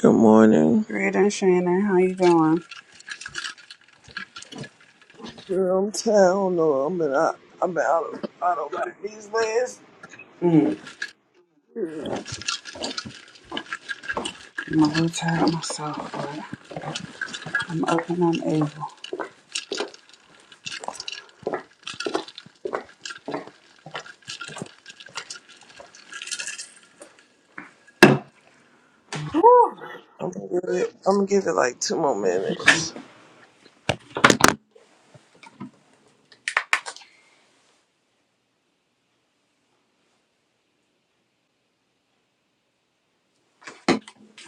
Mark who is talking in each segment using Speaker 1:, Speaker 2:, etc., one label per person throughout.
Speaker 1: Good morning.
Speaker 2: Great, and Shannon. How you doing?
Speaker 1: Girl, I'm town or I'm in, I, I'm out of I don't like these last.
Speaker 2: Mm.
Speaker 1: Girl,
Speaker 2: I'm a little tired of myself, but I'm open. and able. Whew.
Speaker 1: I'm gonna give it, I'm gonna give it like two more minutes.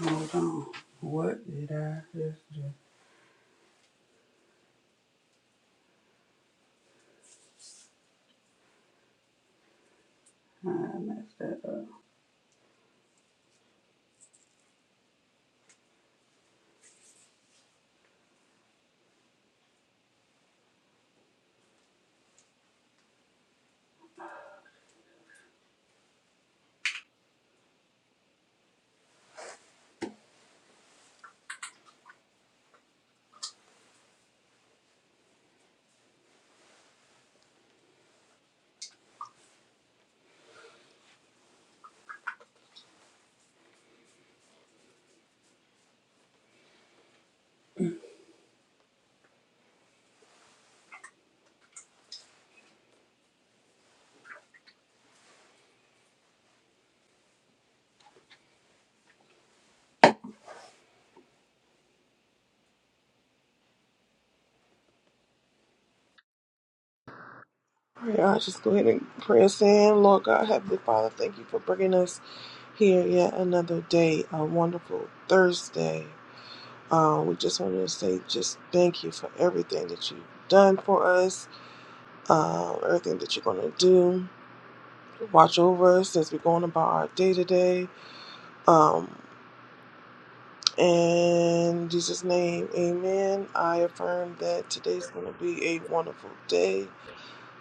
Speaker 2: Hold on. What did I just do? I messed that up.
Speaker 1: Pray I just go ahead and pray us in. Lord God, Heavenly Father, thank you for bringing us here yet another day, a wonderful Thursday. Uh, we just wanted to say just thank you for everything that you've done for us, uh, everything that you're gonna do. Watch over us as we're going about our day to day. In Jesus' name, amen. I affirm that today's going to be a wonderful day.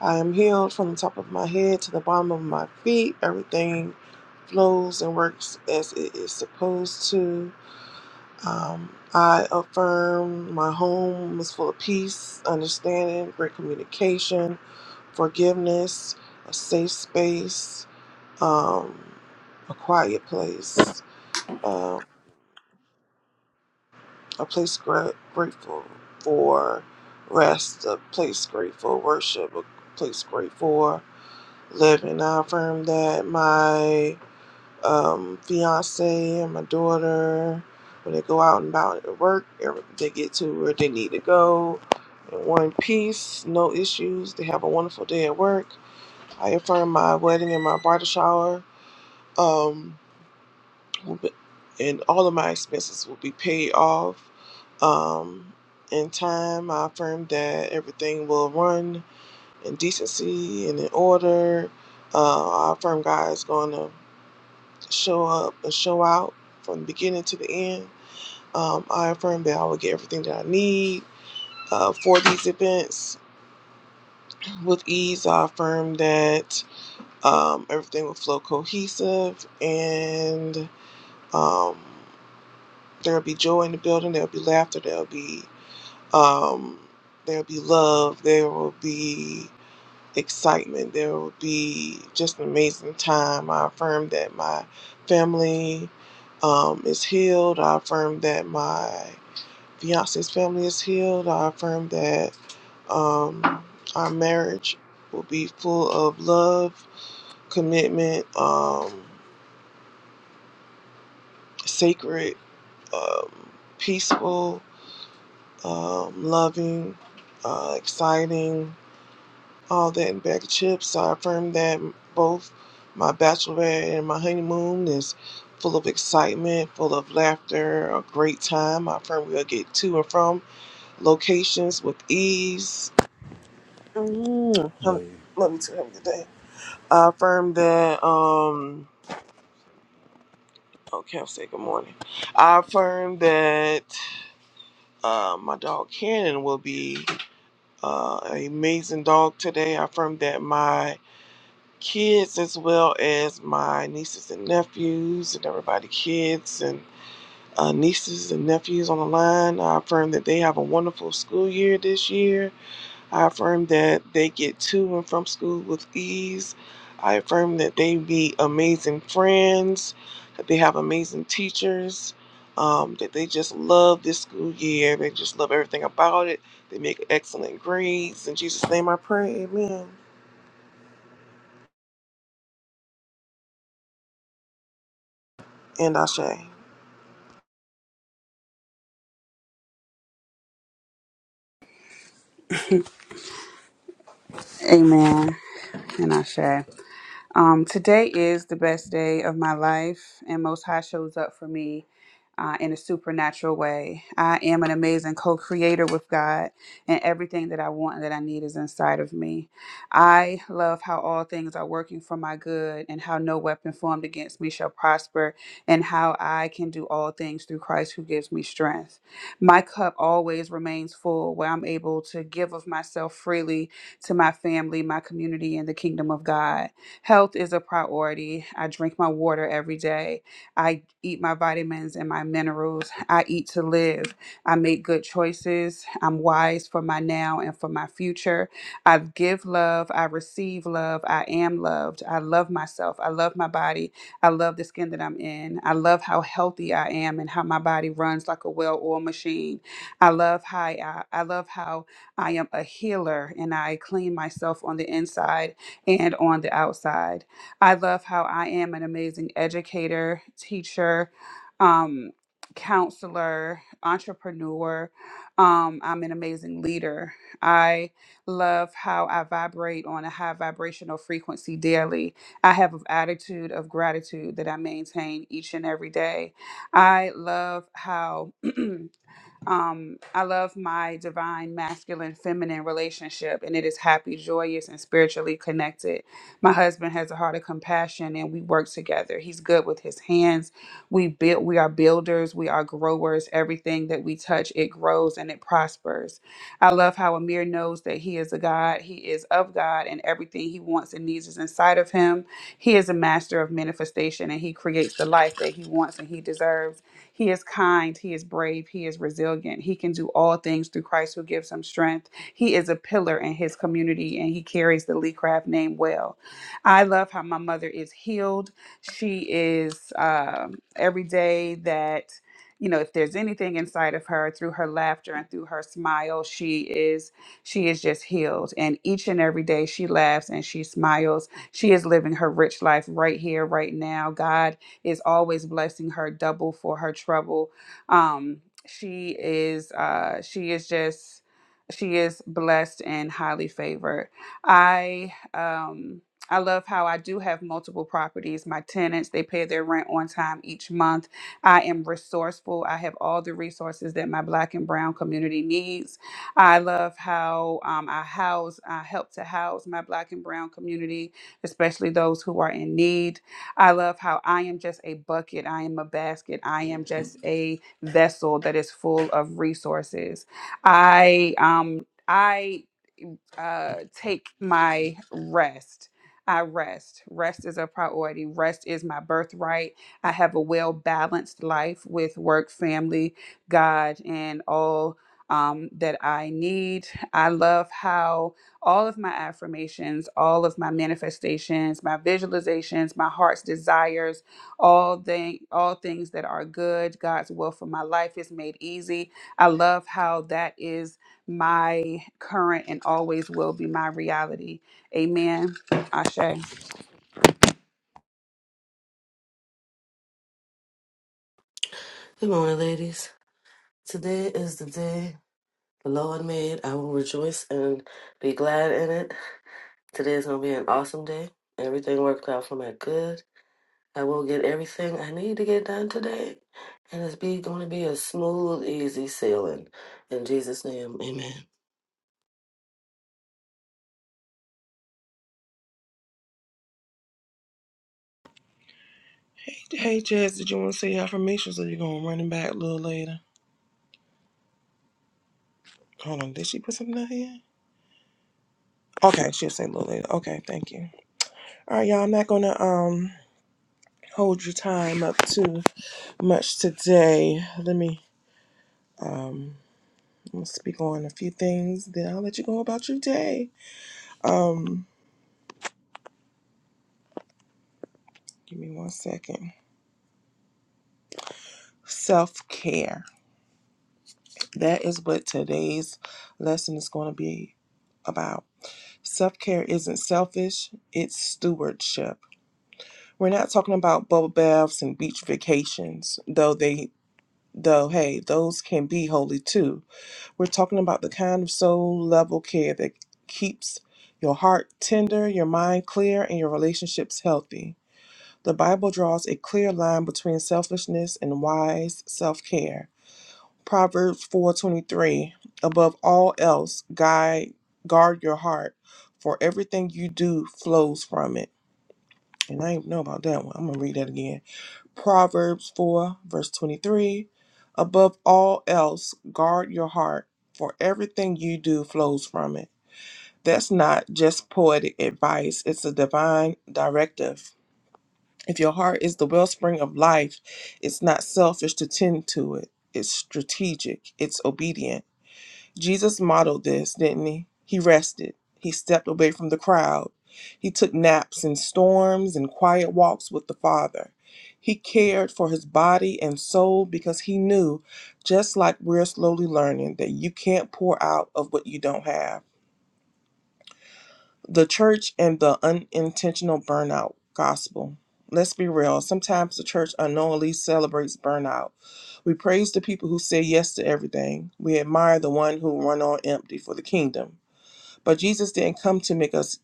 Speaker 1: I am healed from the top of my head to the bottom of my feet. Everything flows and works as it is supposed to. Um, I affirm my home is full of peace, understanding, great communication, forgiveness, a safe space, um, a quiet place. Um, a place gra- grateful for rest, a place grateful for worship, a place grateful for living. I affirm that my um, fiance and my daughter, when they go out and about at work, every- they get to where they need to go in one piece, no issues. They have a wonderful day at work. I affirm my wedding and my bridal shower. Um, will be- and all of my expenses will be paid off um, in time. I affirm that everything will run in decency and in order. Uh, I affirm God is going to show up and show out from the beginning to the end. Um, I affirm that I will get everything that I need uh, for these events with ease. I affirm that um, everything will flow cohesive and. Um, There'll be joy in the building. There'll be laughter. There'll be um, there'll be love. There will be excitement. There will be just an amazing time. I affirm that my family um, is healed. I affirm that my fiance's family is healed. I affirm that um, our marriage will be full of love, commitment, um, sacred, um, peaceful. um, loving, uh, exciting, all that in a bag of chips. So I affirm that both my bachelorette and my honeymoon is full of excitement, full of laughter, a great time. I affirm we'll get to and from locations with ease. Mm, hum- Hey, love you too. Have a good day. I affirm that. Um, okay, I'll say good morning. I affirm that uh, my dog Cannon will be. uh, amazing dog today. I affirm that my kids, as well as my nieces and nephews, and everybody, kids and uh, nieces and nephews on the line, I affirm that they have a wonderful school year this year I affirm that they get to and from school with ease. I affirm that they be amazing friends, that they have amazing teachers, um, that they just love this school year. They just love everything about it. They make excellent grades. In Jesus' name I pray, amen. And Ashe.
Speaker 2: Amen. And I say? Um, today is the best day of my life, and Most High shows up for me uh, in a supernatural way. I am an amazing co creator with God, and everything that I want and that I need is inside of me. I love how all things are working for my good, and how no weapon formed against me shall prosper, and how I can do all things through Christ who gives me strength. My cup always remains full, where I'm able to give of myself freely to my family, my community, and the kingdom of God. Health is a priority. I drink my water every day. I eat my vitamins and my minerals. I eat to live. I make good choices. I'm wise for my now and for my future. I give love. I receive love. I am loved. I love myself. I love my body. I love the skin that I'm in. I love how healthy I am and how my body runs like a well-oiled machine. I love how I, I love how I am a healer and I clean myself on the inside and on the outside. I love how I am an amazing educator, teacher, um, counselor, entrepreneur. Um, I'm an amazing leader. I love how I vibrate on a high vibrational frequency daily. I have an attitude of gratitude that I maintain each and every day. I love how. Um, I love my divine masculine feminine relationship, and it is happy, joyous, and spiritually connected. My husband has a heart of compassion, and we work together. He's good with his hands. We build. We are builders. We are growers. Everything that we touch, it grows and it prospers. I love how Amir knows that he is a God. He is of God, and everything he wants and needs is inside of him. He is a master of manifestation, and he creates the life that he wants and he deserves. He is kind, he is brave, he is resilient. He can do all things through Christ who gives him strength. He is a pillar in his community and he carries the Lee Craft name well. I love how my mother is healed. She is um, every day that you know if there's anything inside of her through her laughter and through her smile she is she is just healed and each and every day she laughs and she smiles she is living her rich life right here right now god is always blessing her double for her trouble. Um, she is uh, she is just she is blessed and highly favored. I um I love how I do have multiple properties. My tenants, they pay their rent on time each month. I am resourceful. I have all the resources that my black and brown community needs. I love how um, I house, I help to house my black and brown community, especially those who are in need. I love how I am just a bucket, I am a basket, I am just a vessel that is full of resources. I um I uh, take my rest. I rest. Rest is a priority. Rest is my birthright. I have a well balanced life with work, family, God, and all um, that I need. I love how all of my affirmations, all of my manifestations, my visualizations, my heart's desires, all thing, all things that are good, God's will for my life is made easy. I love how that is my current and always will be my reality. Amen. Ashe.
Speaker 3: Good morning, ladies. Today is the day the Lord made. I will rejoice and be glad in it. Today is going to be an awesome day. Everything worked out for my good. I will get everything I need to get done today. And it's be going to be a smooth, easy sailing. In Jesus' name, amen.
Speaker 1: Hey, hey, Jazz, did you want to say your affirmations or you going to run them back a little later? Hold on, did she put something out here? Okay, she'll say a little later. Okay, thank you. All right, y'all, I'm not going to um hold your time up to. much today. Let me um I'm gonna speak on a few things, then I'll let you go about your day. Um give me one second. Self care. That is what today's lesson is gonna be about. Self care isn't selfish, it's stewardship. We're not talking about bubble baths and beach vacations, though they though hey, those can be holy too We're talking about the kind of soul level care that keeps your heart tender, your mind clear, and your relationships healthy. The Bible draws a clear line between selfishness and wise self-care. Proverbs 4:23, above all else, guide guard your heart, for everything you do flows from it. And I didn't know about that one. I'm going to read that again. Proverbs 4, verse 23 Above all else, guard your heart, for everything you do flows from it. That's not just poetic advice, it's a divine directive. If your heart is the wellspring of life, it's not selfish to tend to it, it's strategic, it's obedient. Jesus modeled this, didn't he? He rested. He stepped away from the crowd. He took naps in storms and quiet walks with the Father. He cared for his body and soul because he knew, just like we're slowly learning, that you can't pour out of what you don't have. The church and the unintentional burnout gospel. Let's be real. Sometimes the church unknowingly celebrates burnout. We praise the people who say yes to everything. We admire the one who run on empty for the kingdom. But Jesus didn't come to make us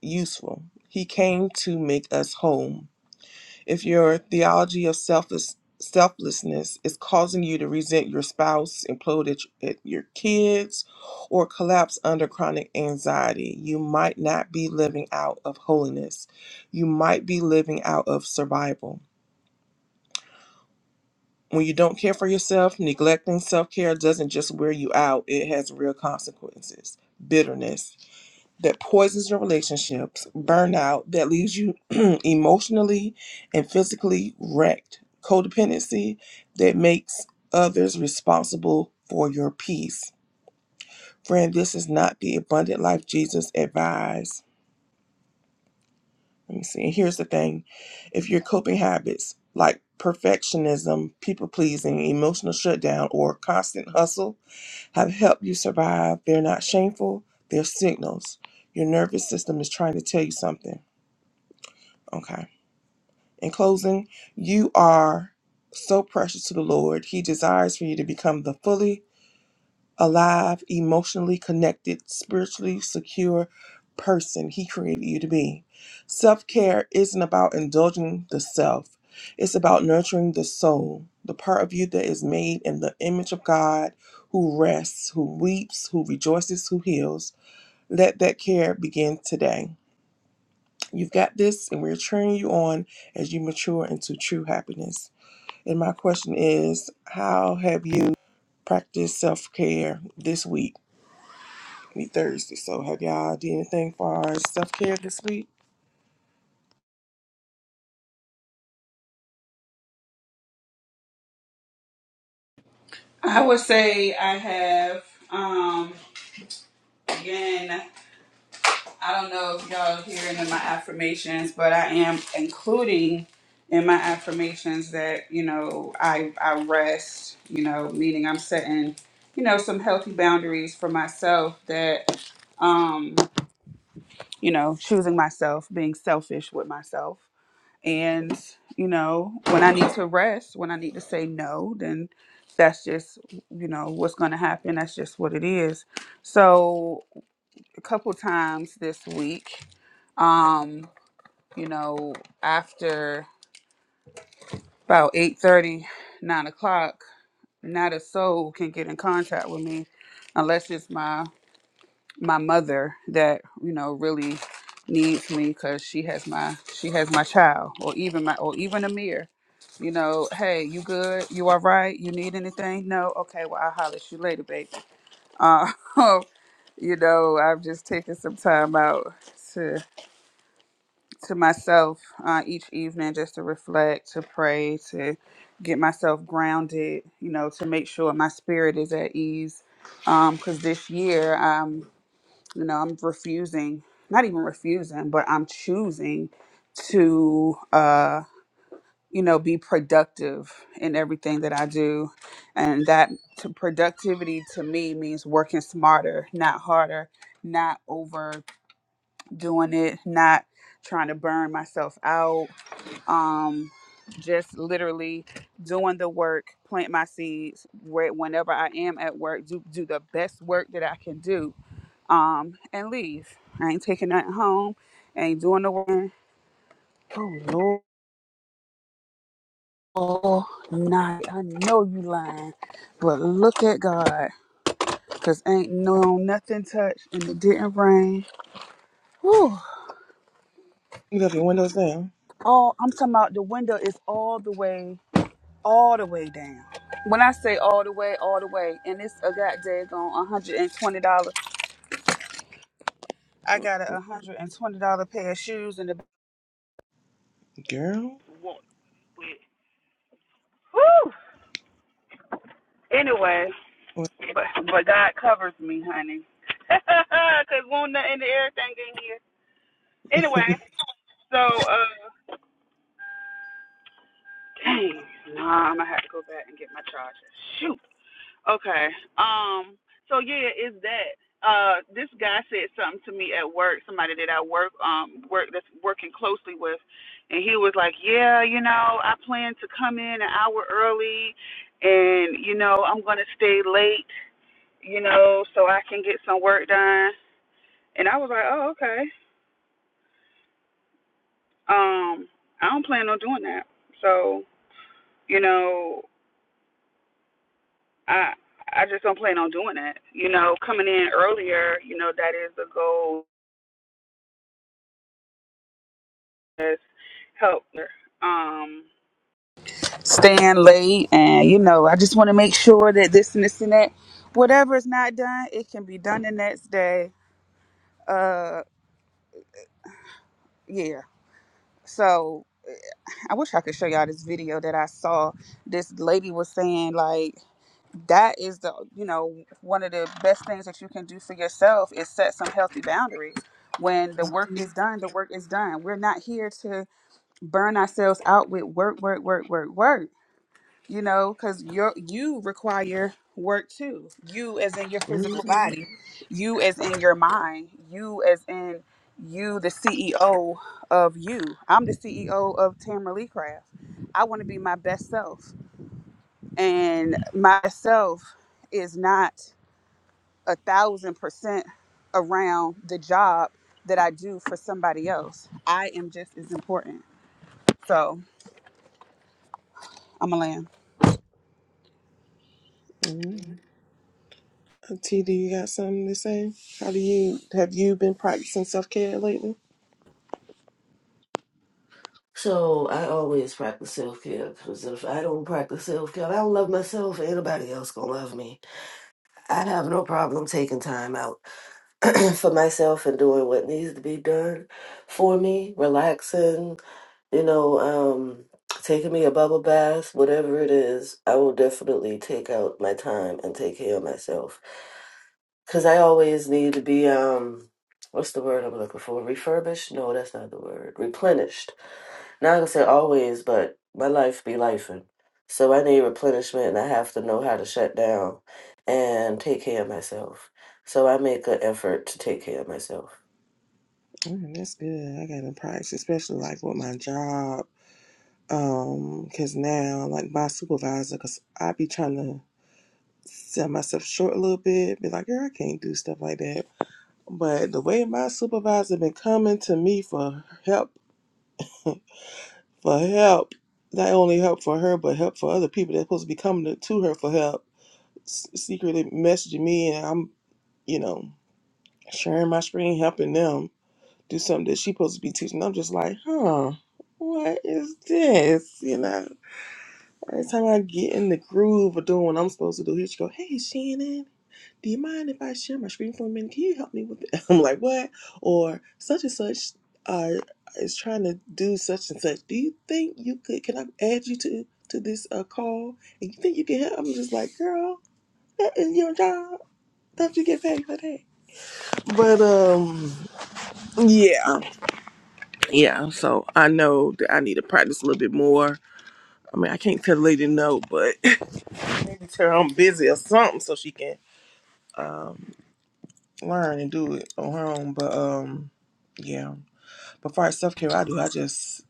Speaker 1: useful. He came to make us whole. If your theology of selfless, selflessness is causing you to resent your spouse, implode at, at your kids, or collapse under chronic anxiety, you might not be living out of holiness. You might be living out of survival. When you don't care for yourself, neglecting self care doesn't just wear you out, it has real consequences. Bitterness, that poisons your relationships, burnout that leaves you emotionally and physically wrecked, codependency that makes others responsible for your peace. Friend, this is not the abundant life Jesus advised. Let me see. And here's the thing if your coping habits like perfectionism, people pleasing, emotional shutdown, or constant hustle have helped you survive, they're not shameful, they're signals. Your nervous system is trying to tell you something. Okay. In closing, you are so precious to the Lord. He desires for you to become the fully alive, emotionally connected, spiritually secure person He created you to be. Self care isn't about indulging the self, it's about nurturing the soul, the part of you that is made in the image of God who rests, who weeps, who rejoices, who heals. Let that care begin today. You've got this, and we're cheering you on as you mature into true happiness. And my question is, how have you practiced self care this week? We Thursday, so have y'all did anything for our self care this week?
Speaker 2: I would say I have um again, I don't know if y'all are hearing in my affirmations, but I am including in my affirmations that, you know, I I rest, you know, meaning I'm setting, you know, some healthy boundaries for myself that um, you know, choosing myself, being selfish with myself And, you know, when I need to rest, when I need to say no, then that's just, you know, what's going to happen. That's just what it is. So, a couple times this week, um, you know, after about 8:30, 9 o'clock, not a soul can get in contact with me unless it's my my mother that you know really needs me because she has my she has my child or even my or even Amir. You know, hey, you good? You all right? You need anything? No? Okay, well I'll holler at you later, baby. Uh, you know, I've just taken some time out to to myself uh, each evening just to reflect, to pray, to get myself grounded. You know, to make sure my spirit is at ease because this year you know i'm refusing not even refusing but i'm choosing to uh you know be productive in everything that i do and that to productivity to me means working smarter not harder not overdoing it not trying to burn myself out um just literally doing the work plant my seeds where whenever i am at work do do the best work that i can do um, and leave. I ain't taking nothing home. I ain't doing no work. Oh Lord, Oh, night. I know you lying, but look at God, cause ain't no nothing touched and it didn't rain. Whew.
Speaker 1: You left your windows down,
Speaker 2: All I'm talking about the window is all the way, all the way down. When I say all the way, all the way, and it's a goddamn on hundred and twenty dollars. I got a hundred and twenty dollar pair of shoes in and a.
Speaker 1: girl.
Speaker 2: Woo! Anyway, But but God covers me, honey. Cause will won't nothing to everything in here. Anyway, so uh dang, nah, I'm gonna have to go back and get my charger. Shoot. Okay. Um, so yeah, it's that. Uh this guy said something to me at work, somebody that I work um work that's working closely with and he was like, Yeah, you know, I plan to come in an hour early and, you know, I'm gonna stay late, you know, so I can get some work done And I was like, oh, okay. Um, I don't plan on doing that. So, you know, I I just don't plan on doing that. You know, coming in earlier, you know, that is the goal. That's help. Um, staying late, and you know, I just want to make sure that this and this and that, whatever is not done, it can be done the next day. Uh, yeah. So. I wish I could show y'all this video that I saw. This lady was saying like that is the you know one of the best things that you can do for yourself is set some healthy boundaries when the work is
Speaker 1: Mm-hmm.
Speaker 2: done the work is done we're not here to burn ourselves out with work work work work work you know because you you require work too you as in your physical body you as in your mind you as in you the ceo of you i'm the ceo of tamara lee craft i want to be my best self and my self is not a thousand percent around the job that i do for somebody else i am just as important so i'm a lamb
Speaker 1: Mm-hmm. T, do you got something to say? How do you have you been practicing self care lately?
Speaker 3: So I always practice self care because if I don't practice self care, I don't love myself. Ain't nobody else gonna love me. I have no problem taking time out for myself and doing what needs to be done for me, relaxing, you know, um, taking me a bubble bath, whatever it is. I will definitely take out my time and take care of myself because I always need to be um, what's the word I'm looking for? Refurbished? No, that's not the word. Replenished not gonna say always, but my life be life. So I need replenishment and I have to know how to shut down and take care of myself. So I make an effort to take care of myself.
Speaker 1: Mm, that's good. I got to practice, especially like with my job, um, because now like my supervisor, because I be trying to sell myself short a little bit, be like, girl, I can't do stuff like that But the way my supervisor been coming to me for help, for help, not only help for her, but help for other people that's supposed to be coming to, to her for help, s- secretly messaging me, and I'm, you know, sharing my screen, helping them do something that she supposed to be teaching. I'm just like, huh, what is this? You know, every time I get in the groove of doing what I'm supposed to do, here she go, hey, Shannon. do you mind if I share my screen for a minute? Can you help me with it? I'm like, what? Or such and such uh, is trying to do such and such. Do you think you could, can I add you to, to this uh, call? And you think you can help? I'm just like, girl, that is your job. Don't you get paid for that? But um, yeah, yeah. So I know that I need to practice a little bit more. I mean, I can't tell the lady no, but maybe tell her I'm busy or something so she can. um, learn and do it on her own. But um, yeah. But far as self care, I do. I just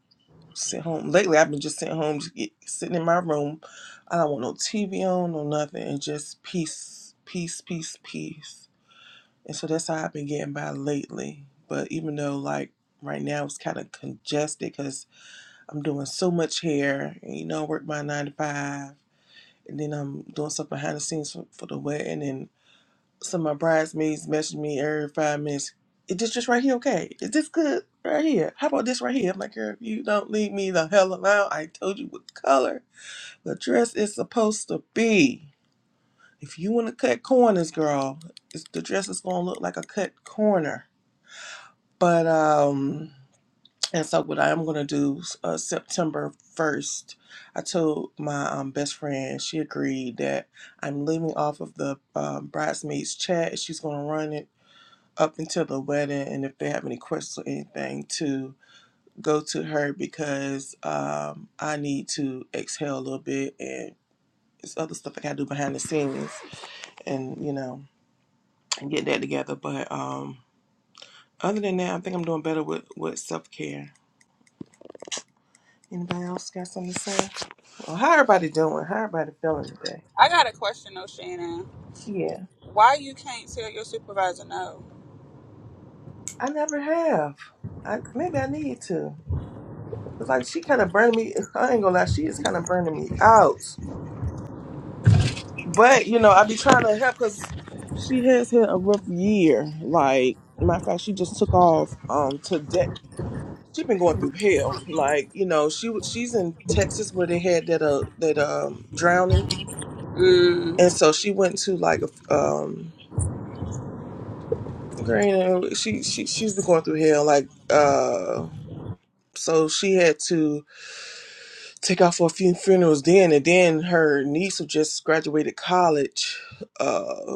Speaker 1: sit home. Lately, I've been just sitting home, just get, sitting in my room. I don't want no TV on, no nothing, and just peace, peace, peace, peace. And so that's how I've been getting by lately. But even though like right now it's kind of congested because I'm doing so much hair, and you know, I work my nine to five. And then I'm doing stuff behind the scenes for, for the wedding, and. So my bridesmaids message me every five minutes. Is this just right here okay? Is this good right here? How about this right here? I'm like, girl, if you don't leave me the hell alone, I told you what color the dress is supposed to be. If you want to cut corners, girl, it's, the dress is going to look like a cut corner. But, um, and so what I'm going to do uh, September 1st, I told my um, best friend, she agreed that I'm leaving off of the um, bridesmaids chat. She's going to run it up until the wedding and if they have any questions or anything to go to her because um, I need to exhale a little bit and it's other stuff I gotta do behind the scenes and you know and get that together. But um, other than that, I think I'm doing better with with self care. Anybody else got something to say? Well, how everybody doing? How everybody feeling today?
Speaker 2: i got a question though shannon
Speaker 1: Yeah,
Speaker 2: Why you can't tell your supervisor no?
Speaker 1: I never have. I maybe I need to. It's like she kind of burned me. I ain't gonna lie, she is kind of burning me out But you know, I be trying to help because she has had a rough year. Like, matter of fact, she just took off um to de- She been going through hell. Like, you know, she w- she's in Texas where they had that uh that um drowning,
Speaker 2: Mm,
Speaker 1: and so she went to like a um. Girl, you know, she she she's been going through hell. Like, uh, so she had to take off for a few funerals then, and then her niece who just graduated college. uh,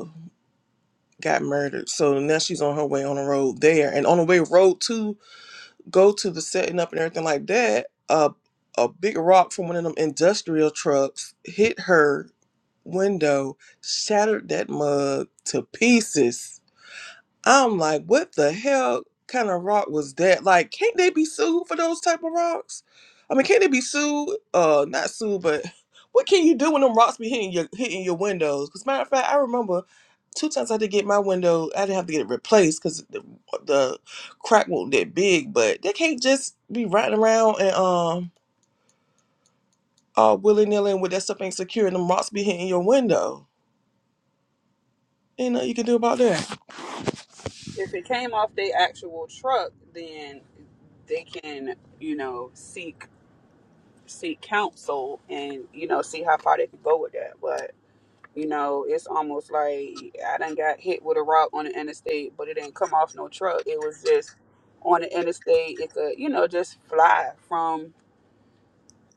Speaker 1: got murdered. So now she's on her way on the road there. And on the way road to go to the setting up and everything like that, uh, a big rock from one of them industrial trucks hit her window, shattered that mug to pieces. I'm like, what the hell kind of rock was that? Like, can't they be sued for those type of rocks? I mean, can't they be sued? Uh, not sued, but what can you do when them rocks be hitting your hitting your windows? Because matter of fact, I remember two times I did get my window. I didn't have to get it replaced because the, the crack wasn't that big. But they can't just be riding around and um all willy nilly with that stuff ain't secure and them rocks be hitting your window. Ain't nothing you can do about that.
Speaker 2: if it came off the actual truck, then they can, you know, seek seek counsel and you know see how far they can go with that. But you know, it's almost like I done got hit with a rock on the interstate, but it didn't come off no truck. It was just on the interstate. It could, you know, just fly from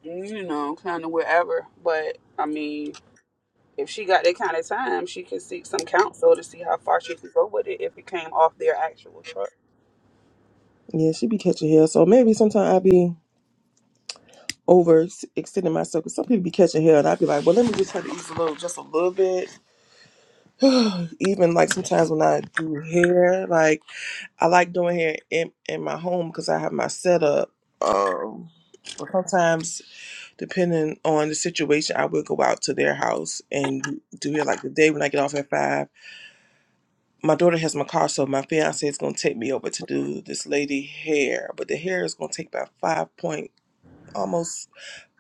Speaker 2: you know kind of wherever. But I mean, if she got that kind of time, she could seek some counsel to see how far she could go with it if it came off their actual truck.
Speaker 1: Yeah, she be catching hell. So maybe sometime I be. over extending myself because some people be catching hell and I'd be like, well, let me just cut the ease a little, just a little bit. Even like sometimes when I do hair, like I like doing hair in, in my home because I have my setup. Um, but sometimes, depending on the situation, I will go out to their house and do do hair. Like the day when I get off at five, my daughter has my car, so my fiance is gonna take me over to do this lady hair. But the hair is gonna take about five point almost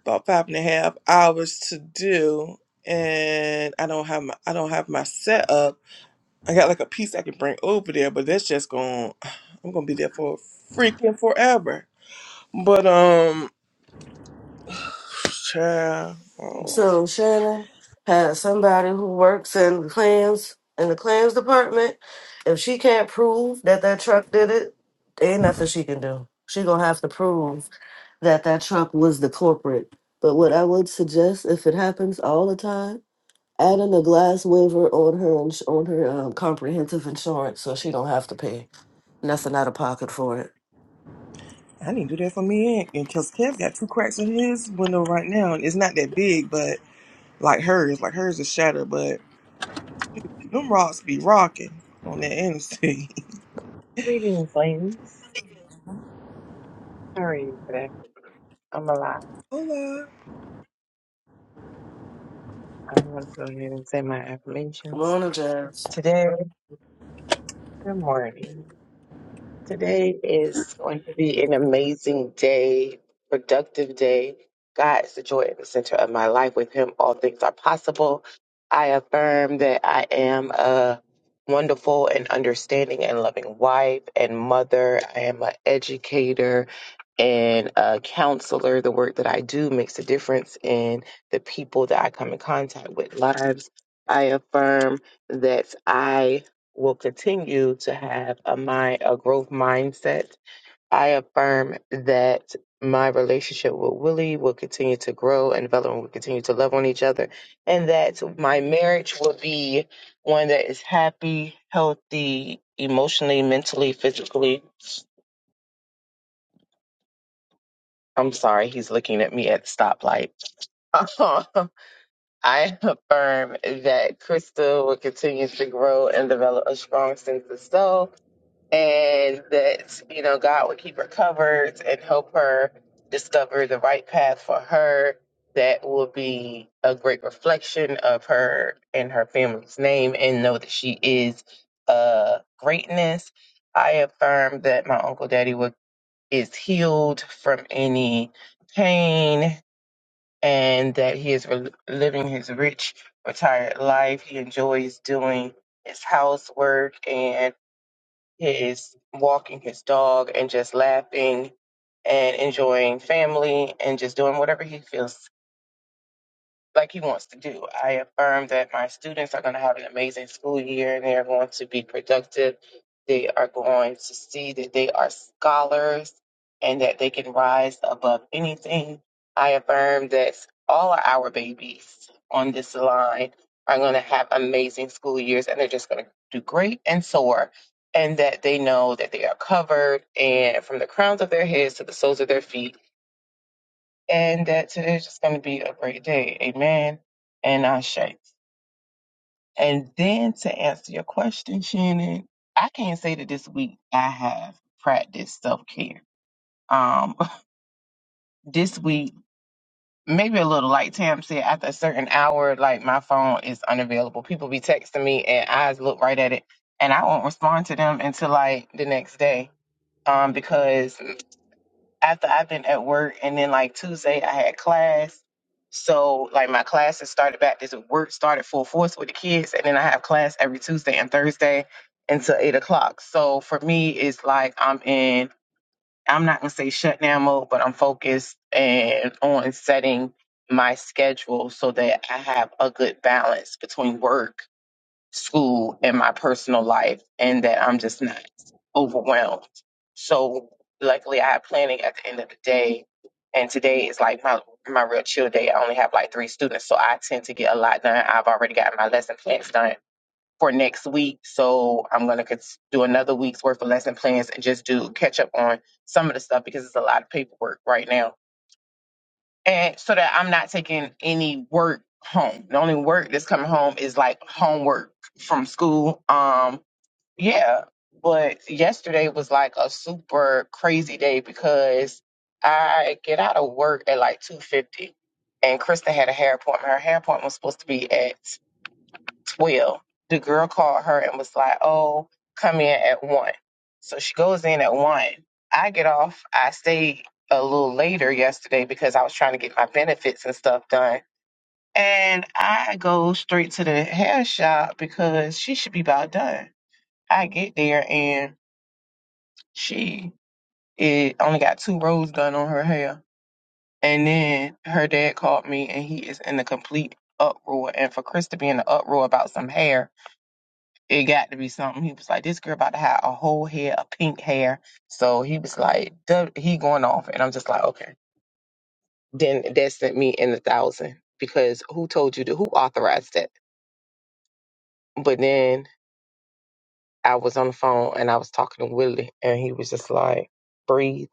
Speaker 1: about five and a half hours to do and I don't have my I don't have my setup. I got like a piece I can bring over there, but that's just going to I'm gonna be there for freaking forever. But um child, oh,
Speaker 3: So Shannon has somebody who works in the claims in the claims department. If she can't prove that that truck did it, ain't nothing she can do. She gonna have to prove that that truck was the corporate. But what I would suggest, if it happens all the time. adding a glass waiver on her ins- on her um, comprehensive insurance, so she don't have to pay nothing out of pocket for it.
Speaker 1: I need to do that for me and cause Kev got two cracks in his window right now and it's not that big but like hers, like hers is shattered, but them rocks be rocking on that interstate.
Speaker 4: Greetings, ladies. How are you today? I'm alive.
Speaker 1: Hola.
Speaker 4: I'm going to go ahead and say my affirmations.
Speaker 3: Morning, Jazz.
Speaker 4: Today, good morning. Today is going to be an amazing day, productive day. God is the joy at the center of my life. With Him, all things are possible. I affirm that I am a wonderful and understanding and loving wife and mother. I am an educator and a counselor. The work that I do makes a difference in the people that I come in contact with lives. I affirm that I will continue to have a mind a growth mindset. I affirm that my relationship with Willie will continue to grow and develop and will continue to love on each other and that my marriage will be one that is happy, healthy, emotionally, mentally, physically. I'm sorry, he's looking at me at the stoplight. I affirm that Krista will continue to grow and develop a strong sense of self and that you know God would keep her covered and help her discover the right path for her that will be a great reflection of her and her family's name and know that she is uh greatness. I affirm that my uncle daddy will, is healed from any pain and that he is re- living his rich retired life. He enjoys doing his housework and his walking his dog and just laughing and enjoying family and just doing whatever he feels like he wants to do. I affirm that my students are going to have an amazing school year and they are going to be productive. They are going to see that they are scholars and that they can rise above anything. I affirm that all of our babies on this line are going to have amazing school years and they're just going to do great and soar. And that they know that they are covered and from the crowns of their heads to the soles of their feet and that today is just going to be a great day. Amen. And I shake. And then to answer your question, Shannon, I can't say that this week I have practiced self care. Um, this week, maybe a little, like Tam said, after a certain hour, like my phone is unavailable. People be texting me and I look right at it and I won't respond to them until like the next day. Um, because after I've been at work and then like Tuesday I had class. So like my classes started back this work started full force with the kids and then I have class every Tuesday and Thursday until eight o'clock. So for me it's like I'm in I'm not gonna say shutdown mode, but I'm focused and on setting my schedule so that I have a good balance between work school and my personal life and that I'm just not overwhelmed. So luckily I had planning at the end of the day and today is like my my real chill day. I only have like three students, so I tend to get a lot done. I've already got my lesson plans done for next week, so I'm gonna cons- do another week's worth of lesson plans and just do catch up on some of the stuff because it's a lot of paperwork right now and so that I'm not taking any work home. The only work that's coming home is like homework from school. Um, yeah, but yesterday was like a super crazy day because I get out of work at like two fifty, and Krista had a hair appointment. Her hair appointment was supposed to be at well, the girl called her and was like, "Oh, come in at one." So she goes in at one. I get off. I stayed a little later yesterday because I was trying to get my benefits and stuff done. And I go straight to the hair shop because she should be about done. I get there and she it only got two rows done on her hair. And then her dad called me and he is in a complete uproar. And for Chris to be in an uproar about some hair it got to be something. He was like, this girl about to have a whole hair, a pink hair. So he was like, duh, he going off. And I'm just like, okay. Then that sent me in the thousand because who told you to, who authorized that? But then I was on the phone and I was talking to Willie and he was just like, breathe,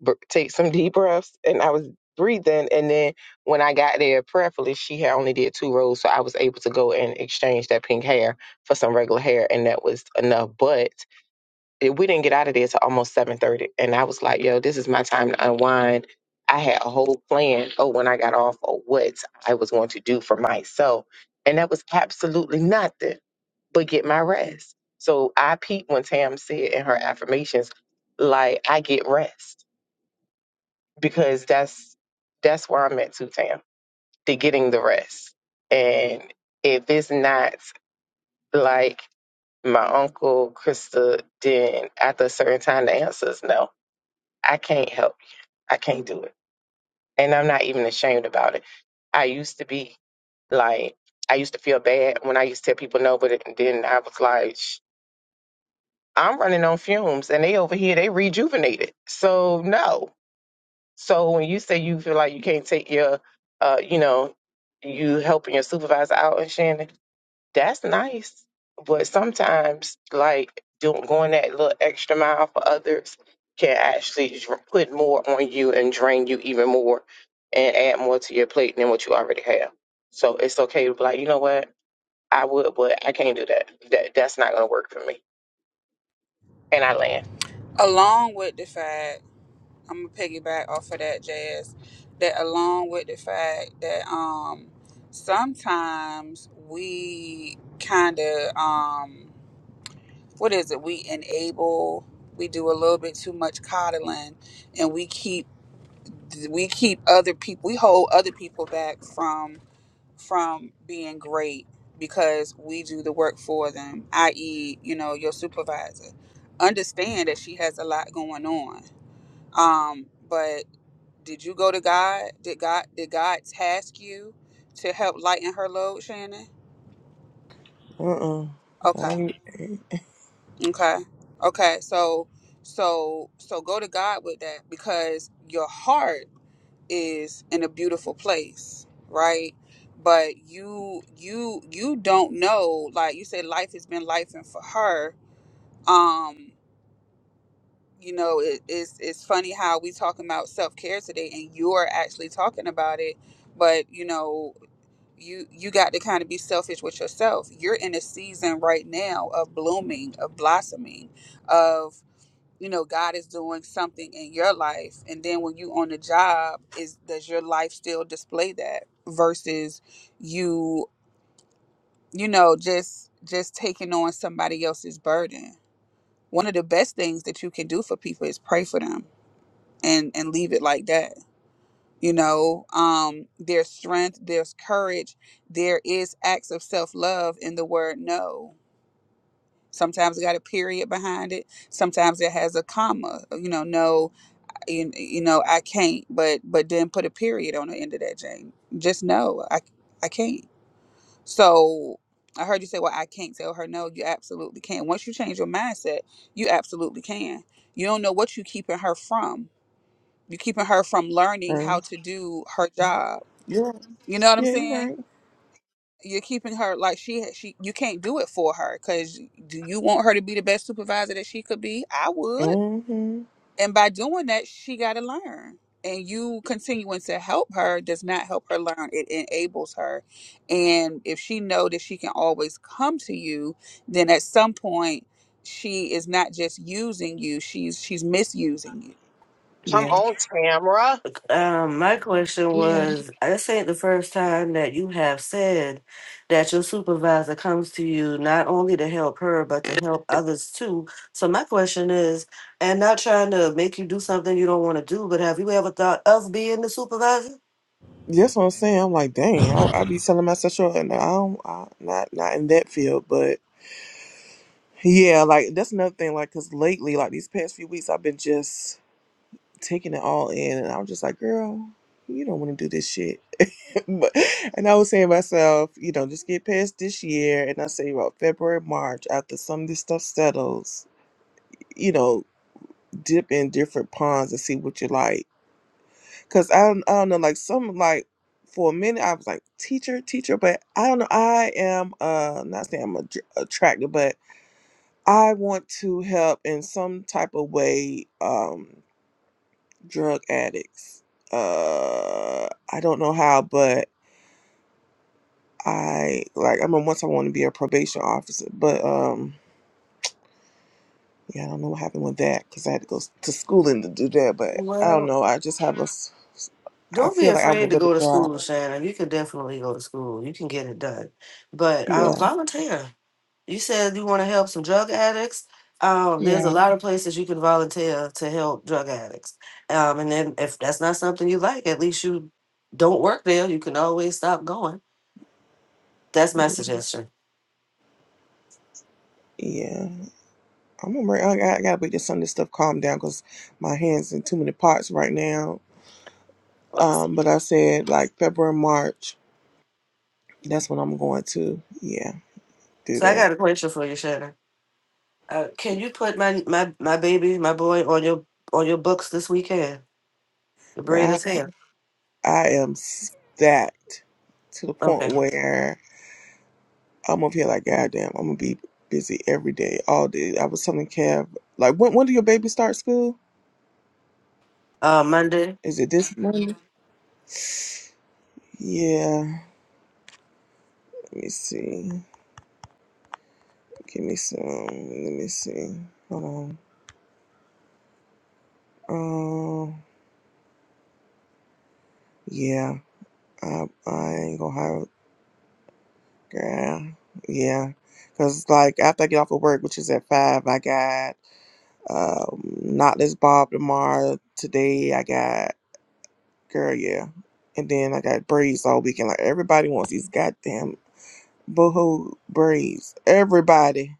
Speaker 4: br- take some deep breaths. And I was breathing. And then when I got there, prayerfully, she had only did two rows. So I was able to go and exchange that pink hair for some regular hair. And that was enough. But it- we didn't get out of there till almost seven thirty, and I was like, "Yo, this is my time to unwind." I had a whole plan. Oh, when I got off, of what I was going to do for myself, and that was absolutely nothing but get my rest. So I peeped when Tam said in her affirmations, like I get rest because that's that's where I'm at too, Tam. To getting the rest, and if it's not like my uncle Krista, then after a certain time, the answer is no I can't help. you. I can't do it. And I'm not even ashamed about it. I used to be like, I used to feel bad when I used to tell people no, but then I was like, "Sh- I'm running on fumes and they over here, they rejuvenated. So no. So when you say you feel like you can't take your, uh, you know, you helping your supervisor out and Shannon, that's nice, but sometimes like doing going that little extra mile for others can actually dr- put more on you and drain you even more and add more to your plate than what you already have. So it's okay to be like, you know what, I would, but I can't do that. That that's not gonna work for me. And I land.
Speaker 2: Along with the fact, I'm gonna piggyback off of that, Jazz. That along with the fact that um sometimes we kind of um what is it? We enable. We do a little bit too much coddling, and we keep we keep other people. We hold other people back from. from being great because we do the work for them, i.e., you know, your supervisor. Understand that she has a lot going on. Um, but did you go to God? Did God did God task you to help lighten her load, Shannon?
Speaker 1: Uh uh I
Speaker 2: Okay.
Speaker 1: ain't,
Speaker 2: Okay. Okay. So so so go to God with that because your heart is in a beautiful place, right? But you you you don't know, like you said, life has been life and for her. Um, you know, it, it's it's funny how we talking about self care today and you're actually talking about it, but you know, you you got to kind of be selfish with yourself. You're in a season right now of blooming, of blossoming, of you know god is doing something in your life and then when you on the job is does your life still display that versus you you know just just taking on somebody else's burden one of the best things that you can do for people is pray for them and and leave it like that you know um there's strength there's courage there is acts of self-love in the word no sometimes it got a period behind it sometimes it has a comma you know no you, you know i can't but but then put a period on the end of that jane just no i i can't so i heard you say well i can't tell her no you absolutely can once you change your mindset you absolutely can you don't know what you keeping her from you're keeping her from learning how
Speaker 1: um,
Speaker 2: to do her job
Speaker 1: yeah,
Speaker 2: you know what i'm
Speaker 1: yeah, you're
Speaker 2: saying
Speaker 1: right.
Speaker 2: you're keeping her like she she you can't do it for her because do you want her to be the best supervisor that she could be i would
Speaker 1: hmm
Speaker 2: And by doing that, she got to learn. And you continuing to help her does not help her learn. It enables her. And if she know that she can always come to you, then at some point she is not just using you, she's she's misusing you.
Speaker 4: Come
Speaker 1: Yeah,
Speaker 4: on, Tamra.
Speaker 3: Um, my question was, this ain't the first time that you have said that your supervisor comes to you not only to help her but to help others too. So my question is, and not trying to make you do something you don't want to do, but have you ever thought of being the supervisor?
Speaker 1: that's what I'm saying. I'm like, dang, I, I be telling myself, sure, and I don't, I, not not in that field, but yeah, like that's another thing. Like, cause lately, like these past few weeks, I've been just taking it all in, and I'm just like, girl, you don't want to do this shit. but, and I was saying to myself, you know, just get past this year, and I say about February, March, after some of this stuff settles, you know, dip in different ponds and see what you like Cause I don't, I don't know, like some like for a minute I was like teacher, teacher, but I don't know. I am uh not saying I'm ad- attracted, but I want to help in some type of way um drug addicts. Uh, I don't know how, but I like I remember once I wanted to be a probation officer, but um yeah, I don't know what happened with that because I had to go s- to schooling to do that. But I don't
Speaker 3: Well.
Speaker 1: know. I just have a s- s- I
Speaker 3: Don't be
Speaker 1: feel like I
Speaker 3: afraid
Speaker 1: would
Speaker 3: to
Speaker 1: really
Speaker 3: go to school,
Speaker 1: thrive.
Speaker 3: Shannon. You can definitely go to school. You can get it done. But um,
Speaker 1: Yeah,
Speaker 3: volunteer. You said you want to help some drug addicts. Um, there's a
Speaker 1: yeah,
Speaker 3: lot of places you can volunteer to help drug addicts. Um, and then if that's not something you like, at least you don't work there. You can always stop going. That's my suggestion.
Speaker 1: yeah. I'm gonna bring, I, gotta- I gotta make this Sunday stuff calm down because my hands in too many pots right now.
Speaker 3: Right.
Speaker 1: Um, but I said like February, March. That's when I'm going to. Yeah, do
Speaker 3: So I
Speaker 1: that.
Speaker 3: got a question for you, Shannon. Uh, can you put my, my my baby, my boy, on your on your books this weekend? The braid
Speaker 1: Girl,
Speaker 3: is here.
Speaker 1: I I am stacked to the point
Speaker 3: Okay.
Speaker 1: where I'm up here like goddamn. I'm gonna be busy every day, all day. I was telling Kev like when when do your baby start school?
Speaker 3: Uh, Monday.
Speaker 1: Is it this Monday? Yeah. Let me see. Give me some. Let me see. Hold on. Um. Yeah. I, I ain't gonna have yeah, yeah. Cause like after I get off of work, which is at five, I got um not this Bob tomorrow. Today I got girl, yeah, and then I got braids all weekend. Like everybody wants these goddamn boohoo braids. Everybody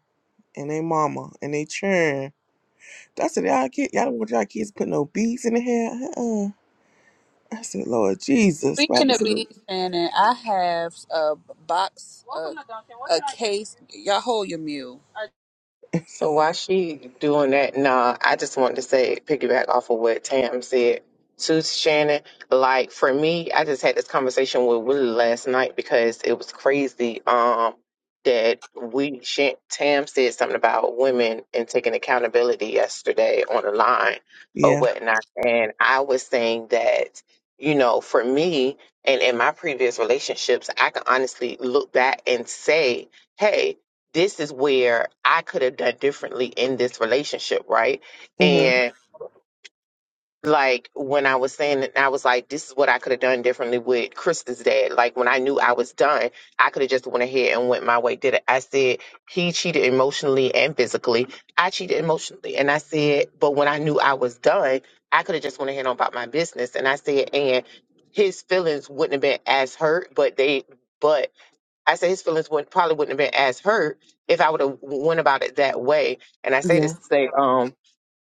Speaker 1: and they mama and they churn. I said, y'all kid, y'all don't want y'all kids put no beads in the hair. Uh-uh. I said, Lord Jesus, what
Speaker 2: Speaking
Speaker 1: happened
Speaker 2: of
Speaker 1: to the
Speaker 2: beads, Shannon, I have a box, a, a case. Y'all hold your mule.
Speaker 4: So while she doing that, nah, I just wanted to say piggyback off of what Tam said to Shannon. Like for me, I just had this conversation with Willie last night because it was crazy. Um, that we Shan- Tam said something about women and taking accountability yesterday on the line or
Speaker 1: yeah,
Speaker 4: whatnot, and I was saying that you know for me and in my previous relationships, I can honestly look back and say. Hey, this is where I could have done differently in this relationship, right?
Speaker 1: mm-hmm,
Speaker 4: And like when I was saying it, I was like, this is what I could have done differently with Krista's dad. Like when I knew I was done, I could have just went ahead and went my way, did it. I said, he cheated emotionally and physically. I cheated emotionally. And I said, but when I knew I was done, I could have just went ahead on about my business. And I said, and his feelings wouldn't have been as hurt, but they, but I say his feelings would probably wouldn't have been as hurt if I would have went about it that way. And I say this
Speaker 1: yeah,
Speaker 4: to say, um,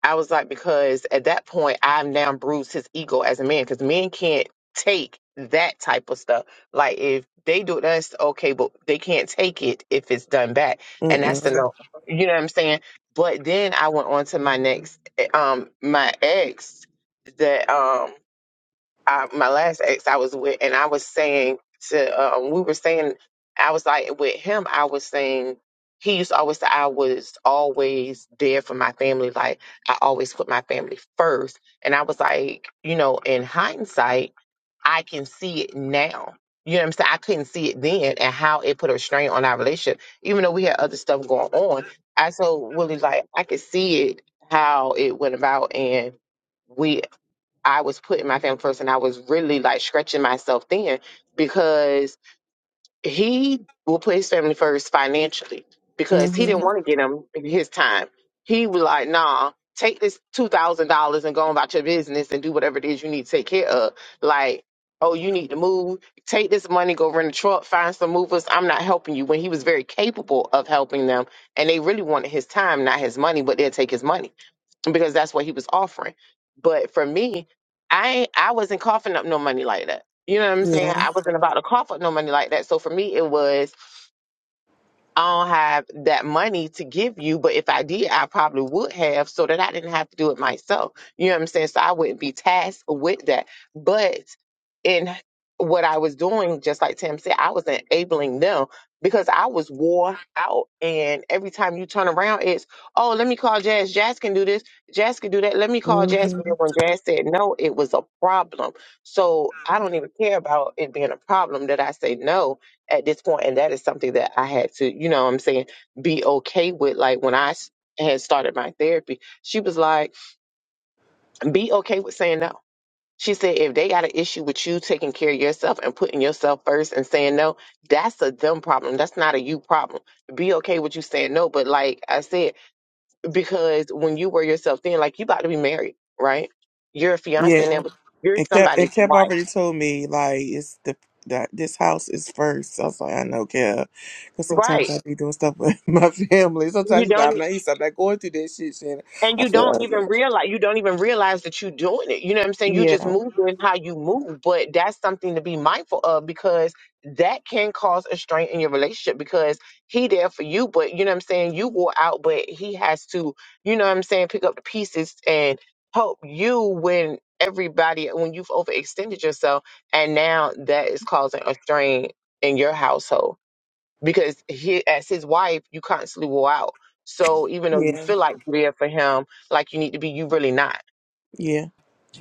Speaker 4: I was like because at that point I've now bruised his ego as a man because men can't take that type of stuff. Like if they do it, that's okay, but they can't take it if it's done back. And that's the
Speaker 1: mm-mm,
Speaker 4: no. You know what I'm saying? But then I went on to my next, eh, um, my ex that um I, my last ex I was with, and I was saying to, um, we were saying, I was like, with him, I was saying, he used to always say I was always there for my family. Like, I always put my family first. And I was like, you know, in hindsight, I can see it now. You know what I'm saying? I couldn't see it then and how it put a strain on our relationship. Even though we had other stuff going on, I so really like, I could see it, how it went about. And, we. I was putting my family first and I was really like stretching myself thin because he will put his family first financially because he didn't
Speaker 1: mm-hmm,
Speaker 4: want to get him his time. He was like, nah, take this $2,000 and go on about your business and do whatever it is you need to take care of. Like, oh, you need to move. Take this money, go rent a truck, find some movers. I'm not helping you. When he was very capable of helping them and they really wanted his time, not his money, but they'll take his money because that's what he was offering. But for me, I ain't- I wasn't coughing up no money like that. You know what I'm saying?
Speaker 1: yeah.
Speaker 4: I wasn't about to cough up no money like that. So for me, it was I don't have that money to give you, but if I did, I probably would have so that I didn't have to do it myself. You know what I'm saying? So I wouldn't be tasked with that. But in what I was doing, just like Tim said, I was enabling them because I was wore out. And every time you turn around, it's, oh, let me call Jazz. Jazz can do this. Jazz can do that. Let me call Jazz.
Speaker 1: hmm
Speaker 4: But then when Jazz said no, it was a problem. So I don't even care about it being a problem that I say no at this point and that is something that i had to you know what i'm saying be okay with like when i s- had started my therapy she was like be okay with saying no she said if they got an issue with you taking care of yourself and putting yourself first and saying no that's a them problem that's not a you problem be okay with you saying no but like i said because when you were yourself then like you about to be married right you're a fiance now
Speaker 1: Yeah,
Speaker 4: but you're
Speaker 1: it kept
Speaker 4: somebody's
Speaker 1: it kept
Speaker 4: wife
Speaker 1: already told me like it's the that this house is first. I was like, I know, Kev, because sometimes
Speaker 4: right
Speaker 1: I be doing stuff with my family.
Speaker 4: you
Speaker 1: Sometimes she's
Speaker 4: don't
Speaker 1: like, I'm not, he's I'm not going through that shit. Shannon.
Speaker 4: and
Speaker 1: I
Speaker 4: you
Speaker 1: said, I
Speaker 4: don't
Speaker 1: said,
Speaker 4: even realize you don't even realize that you're doing it you know what i'm saying you just
Speaker 1: yeah,
Speaker 4: move in how you move but that's something to be mindful of because that can cause a strain in your relationship because he there for you but you know what i'm saying you go out but he has to you know what i'm saying pick up the pieces and help you when everybody when you've overextended yourself and now that is causing a strain in your household because he, as his wife, you constantly will out. So even though you
Speaker 1: yeah,
Speaker 4: feel like you're there for him, like you need to be, you really not.
Speaker 1: yeah.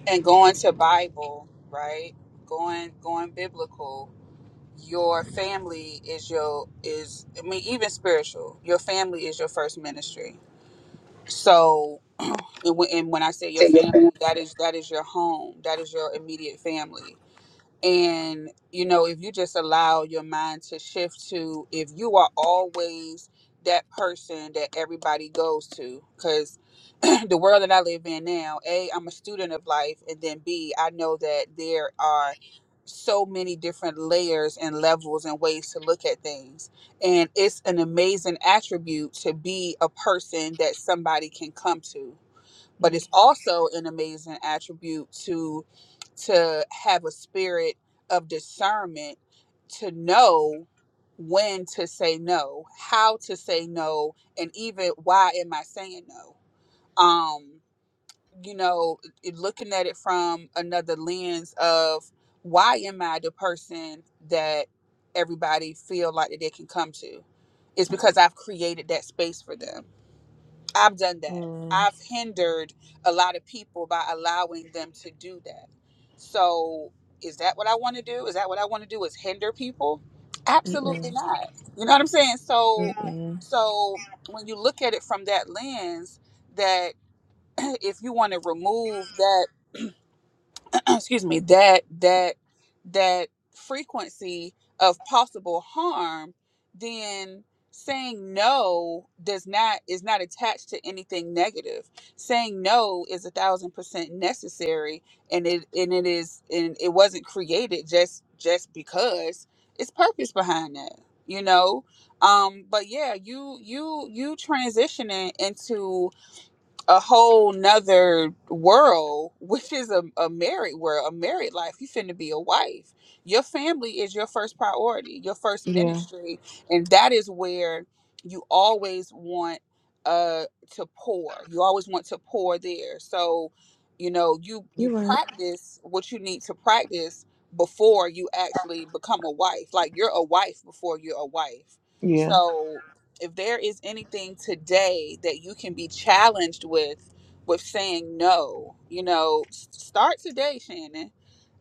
Speaker 2: And going to Bible, right? Going going biblical your family is your is I mean even spiritual. Your family is your first ministry. So and when and when I say your family, that is that is your home. That is your immediate family. And, you know, if you just allow your mind to shift to if you are always that person that everybody goes to, because the world that I live in now, A, I'm a student of life. And then B, I know that there are so many different layers and levels and ways to look at things. And it's an amazing attribute to be a person that somebody can come to but
Speaker 1: Mm,
Speaker 2: it's also an amazing attribute to to have a spirit of discernment to know when to say no how to say no and even why am i saying no um you know it- looking at it from another lens of why am i the person that everybody feel like that they can come to it's because i've created that space for them I've done that.
Speaker 1: mm,
Speaker 2: I've hindered a lot of people by allowing them to do that. So, is that what I want to do? Is that what I want to do? Is hinder people? Absolutely
Speaker 1: mm,
Speaker 2: not. You know what I'm saying?
Speaker 1: mm,
Speaker 2: So,
Speaker 1: mm.
Speaker 2: so when you look at it from that lens, that if you want to remove that excuse me that that that frequency of possible harm then saying no does not is not attached to anything negative saying no is a thousand percent necessary and it and it is and it wasn't created just just because it's purpose behind that you know um but yeah you you you transitioning into a whole nother world, which is a, a married world, a married life. You finna be a wife. Your family is your first priority, your first
Speaker 1: Yeah,
Speaker 2: ministry. And that is where you always want uh to pour. You always want to pour there. So, you know, you you
Speaker 1: you're right.
Speaker 2: practice what you need to practice before you actually become a wife. Like you're a wife before you're a wife.
Speaker 1: Yeah,
Speaker 2: So if there is anything today that you can be challenged with with saying no you know s- start today shannon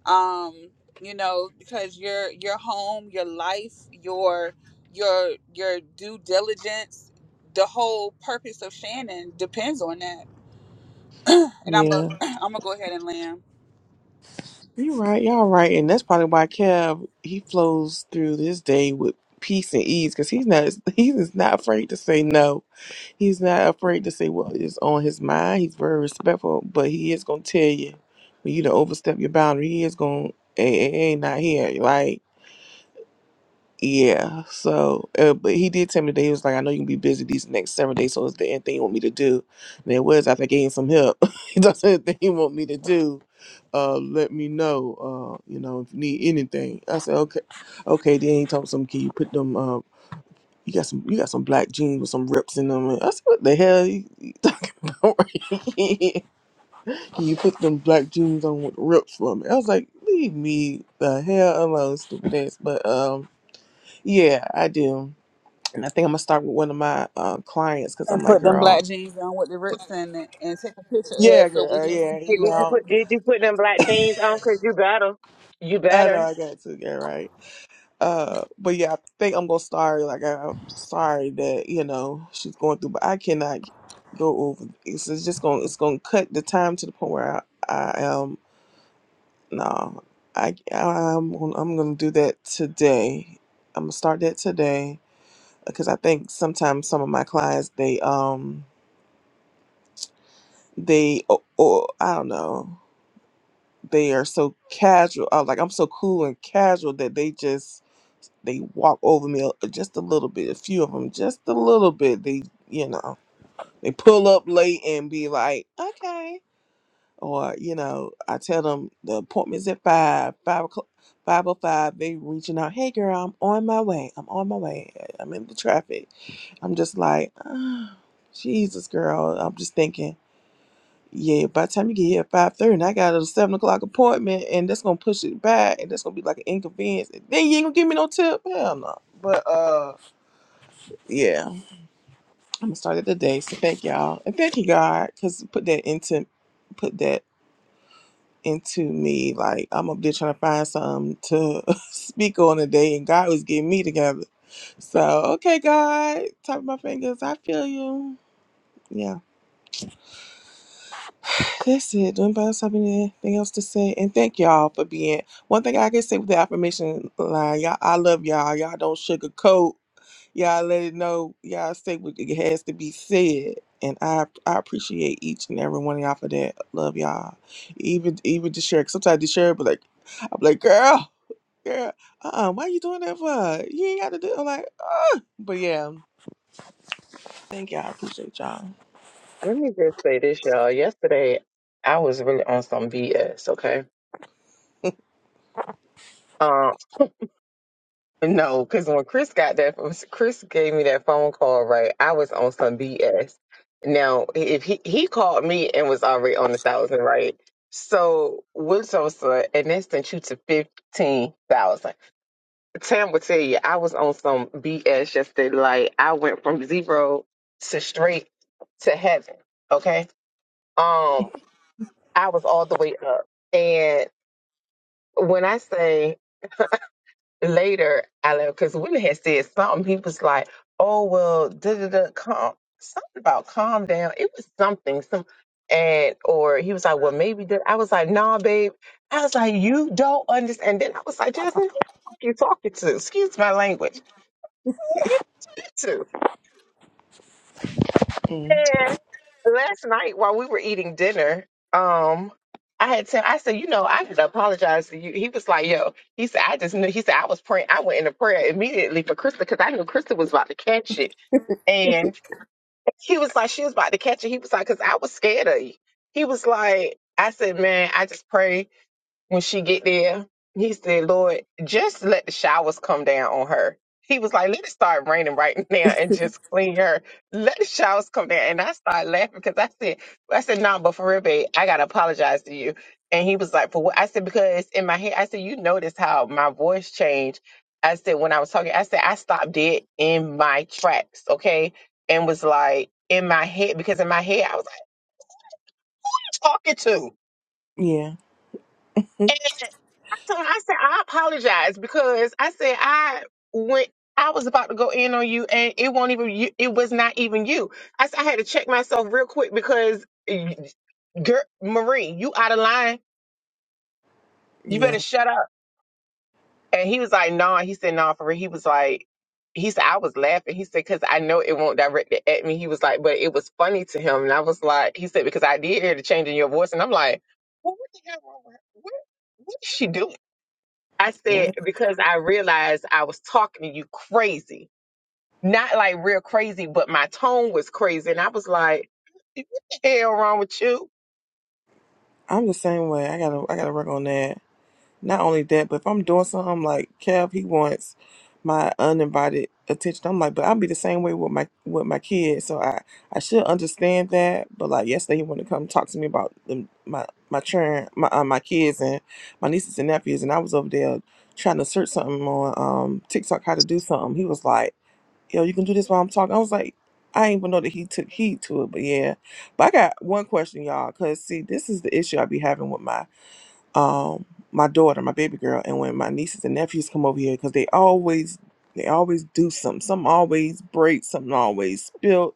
Speaker 2: um you know because your your home your life your your your due diligence the whole purpose of shannon depends on that and i'm a
Speaker 1: yeah,
Speaker 2: i'm gonna go ahead and land
Speaker 1: you're right. Y'all right, and that's probably why Kev he flows through this day with peace and ease because he's not he's not afraid to say no He's not afraid to say what is on his mind. He's very respectful, but he is gonna tell you when you to overstep your boundary. He is gonna hey, hey, hey, not here. Like yeah. So, uh, but he did tell me today. He was like, I know you can be busy these next seven days. So, is there anything you want me to do? And it was after I gave him some help. he does anything you want me to do. Uh, let me know. Uh, you know if you need anything. I said okay, okay. Then he told some. Can you put them? uh, you got some, you got some black jeans with some rips in them. And I said, what the hell you, you talking about? you put them black jeans on with rips from it. I was like, leave me the hell alone, stupid ass. But um, yeah, I do, and I think I'm gonna start with one of my um clients because
Speaker 2: and
Speaker 1: I'm like,
Speaker 2: put them black
Speaker 1: girl,
Speaker 2: jeans on with the rips in it and take a picture of
Speaker 1: yeah,
Speaker 2: it so we
Speaker 1: girl,
Speaker 2: can
Speaker 1: yeah,
Speaker 2: see
Speaker 1: you
Speaker 4: Did you
Speaker 1: know,
Speaker 2: you
Speaker 4: put Did you put them black jeans on? Cause you better. You
Speaker 1: I know
Speaker 4: better.
Speaker 1: I got to, girl, right? Uh, but yeah, I think I'm gonna start. Like, I, I'm sorry that you know she's going through, but I cannot go over. It's, it's just gonna it's gonna cut the time to the point where I, I am no. I I'm gonna- I'm gonna do that today. I'm gonna start that today because I think sometimes some of my clients they um they or, or I don't know they are so casual. Uh, like I'm so cool and casual that they just they walk over me a- just a little bit, a few of them, just a little bit. They, you know, they pull up late and be like, okay. Or, you know, I tell them the appointment's at five, five o'clock, five o five. They reaching out, hey girl, I'm on my way. I'm on my way. I'm in the traffic. I'm just like, "Ah, Jesus, girl. I'm just thinking, yeah. By the time you get here at five thirty, and I got a seven o'clock appointment, and that's gonna push it back, and that's gonna be like an inconvenience. And Then you ain't gonna give me no tip. Hell no. But uh yeah, I'm gonna start it today. So thank y'all and thank you God, cause put that into put that into me. Like I'm up there trying to find something to speak on today, and God was getting me together. So okay, God, top of my fingers, I feel you. Yeah, that's it. Do anybody else have anything else to say? And thank y'all for being. One thing I can say with the affirmation line, y'all, I love y'all. Y'all don't sugarcoat. Y'all let it know. Y'all say what it has to be said. And I I appreciate each and every one of y'all for that. Love y'all. Even even to share. Sometimes to share, but like I'm like, girl, girl, uh, uh why you doing that for? You ain't got to do. I'm like, uh. But yeah, thank y'all. I appreciate y'all.
Speaker 4: Let me just say this, y'all. Yesterday, I was really on some BS. Okay. Um, No, because when Chris got that, Chris gave me that phone call, right? I was on some BS. Now, if he he called me and was already on a thousand, right? So what's on son, and that sent you to fifteen thousand. Tam will tell you, I was on some BS yesterday. Like I went from zero to straight to heaven. Okay, um, I was all the way up, and when I say later, I left because Willie had said something. He was like, "Oh well, da da da, calm something about calm down." It was something, some, and or he was like, "Well, maybe that." I was like, "Nah, babe." I was like, "You don't understand." Then I was like, "Jasmine, who the fuck you talking to?" Excuse my language. Who the hell you to?
Speaker 1: Mm.
Speaker 4: last night while we were eating dinner, um, I had said, I said, you know, I had to apologize to you. He was like, yo, he said, I just knew. He said, I was praying. I went into prayer immediately for Krista because I knew Krista was about to catch it. And he was like, she was about to catch it. He was like, because I was scared of you. He was like, I said, man, I just pray when she get there, he said, Lord, just let the showers come down on her. He was like, let it start raining right now and just clean her. Let the showers come down. And I started laughing because I said, I said, no, but for real, babe, I got to apologize to you. And he was like, for what? I said, because in my head, I said, you notice how my voice changed. I said, when I was talking, I said, I stopped dead in my tracks, okay? And was like, in my head, because in my head, I was like, talking to.
Speaker 1: Yeah,
Speaker 4: And I told him, I said, I apologize because I said I went I was about to go in on you and it won't even you, it was not even you. I said I had to check myself real quick because eh, girl, Marie, you out of line. You
Speaker 1: yeah.
Speaker 4: better shut up. And he was like, no. He said, no, for real. He was like, he said, I was laughing. He said, because I know it won't direct it at me. He was like, but it was funny to him. And I was like, he said, because I did hear the change in your voice. And I'm like, well, what the hell wrong with her? What, what is she doing? I
Speaker 1: yeah.
Speaker 4: said because I realized I was talking to you crazy. Not like real crazy, but my tone was crazy. And I was like, what the hell wrong with you?
Speaker 1: I'm the same way. I gotta I gotta work on that. Not only that, but if I'm doing something like Kev, he wants my uninvited attention. I'm like, but I'll be the same way with my with my kids. So I I should understand that. But like yesterday, he wanted to come talk to me about them, my my churn, my uh, my kids and my nieces and nephews, and I was over there trying to search something on um TikTok how to do something. He was like, yo, you can do this while I'm talking. I was like. I ain't even know that he took heed to it, but yeah. But I got one question, y'all, because see, this is the issue I be having with my um my daughter, my baby girl, and when my nieces and nephews come over here, because they always they always do something. Something always breaks, something always spilled.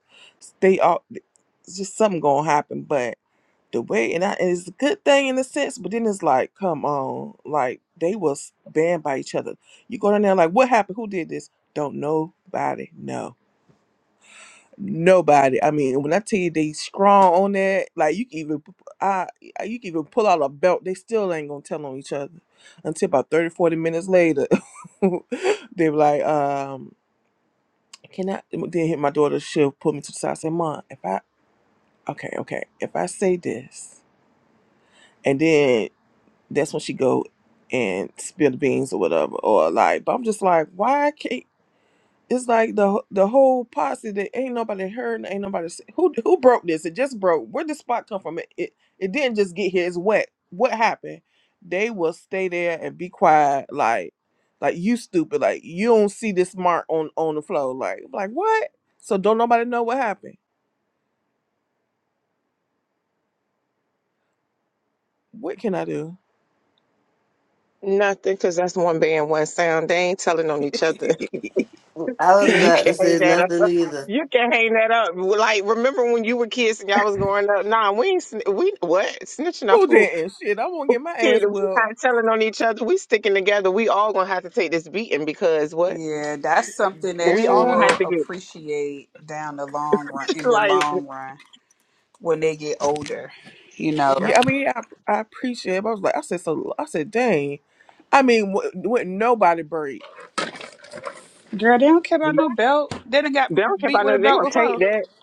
Speaker 1: They all it's just something gonna happen. But the way and, I, and it's a good thing in a sense, but then it's like, come on, like they will stand by each other. You go down there like, what happened? Who did this? Don't nobody know Nobody. I mean, when I tell you they strong on that, like you can even, p- I, I- you can even pull out a belt. They still ain't gonna tell on each other until about 30, 40 minutes later. they be like, um, can I? Then hit my daughter. She'll pull me to the side. Say, Mom, if I, okay, okay, if I say this, and then that's when she go and spill the beans or whatever, or like. But I'm just like, why can't? It's like the the whole posse that ain't nobody heard, ain't nobody see. who who broke this. It just broke. Where did spot come from? It, it it didn't just get here. It's wet. What happened? They will stay there and be quiet, like like you stupid, like you don't see this mark on on the floor, like like what? So don't nobody know what happened. What can I do?
Speaker 4: Nothing, because that's one band, one sound. They ain't telling on each other.
Speaker 3: I was
Speaker 4: you
Speaker 3: about to
Speaker 4: can hang
Speaker 3: say
Speaker 4: that up.
Speaker 3: nothing either.
Speaker 4: You can hang that up. Well, Like, remember when you were kids and y'all was growing up? Nah, we ain't, sn- we, what? Snitching off
Speaker 1: Who
Speaker 4: who?
Speaker 1: didn't? Shit, I won't get my
Speaker 4: Shit,
Speaker 1: ass
Speaker 4: we
Speaker 1: well,
Speaker 4: not telling on each other. We sticking together. We all gonna have to take this beating because what?
Speaker 2: Yeah, that's something
Speaker 4: We
Speaker 2: that you
Speaker 4: all
Speaker 1: girl.
Speaker 4: gonna
Speaker 2: will
Speaker 4: have to get,
Speaker 2: appreciate down the long run, in the long run, when they get older. You know,
Speaker 1: Yeah, I mean, I, I appreciate. it, but I was like, I said so. I said, dang. I mean, would, would nobody break?
Speaker 2: girl, they don't care
Speaker 4: like,
Speaker 2: about no belt. They done got
Speaker 4: They don't care
Speaker 2: beat
Speaker 4: about no.
Speaker 2: with a
Speaker 4: They're
Speaker 2: belt
Speaker 4: gonna take
Speaker 2: before.
Speaker 4: that,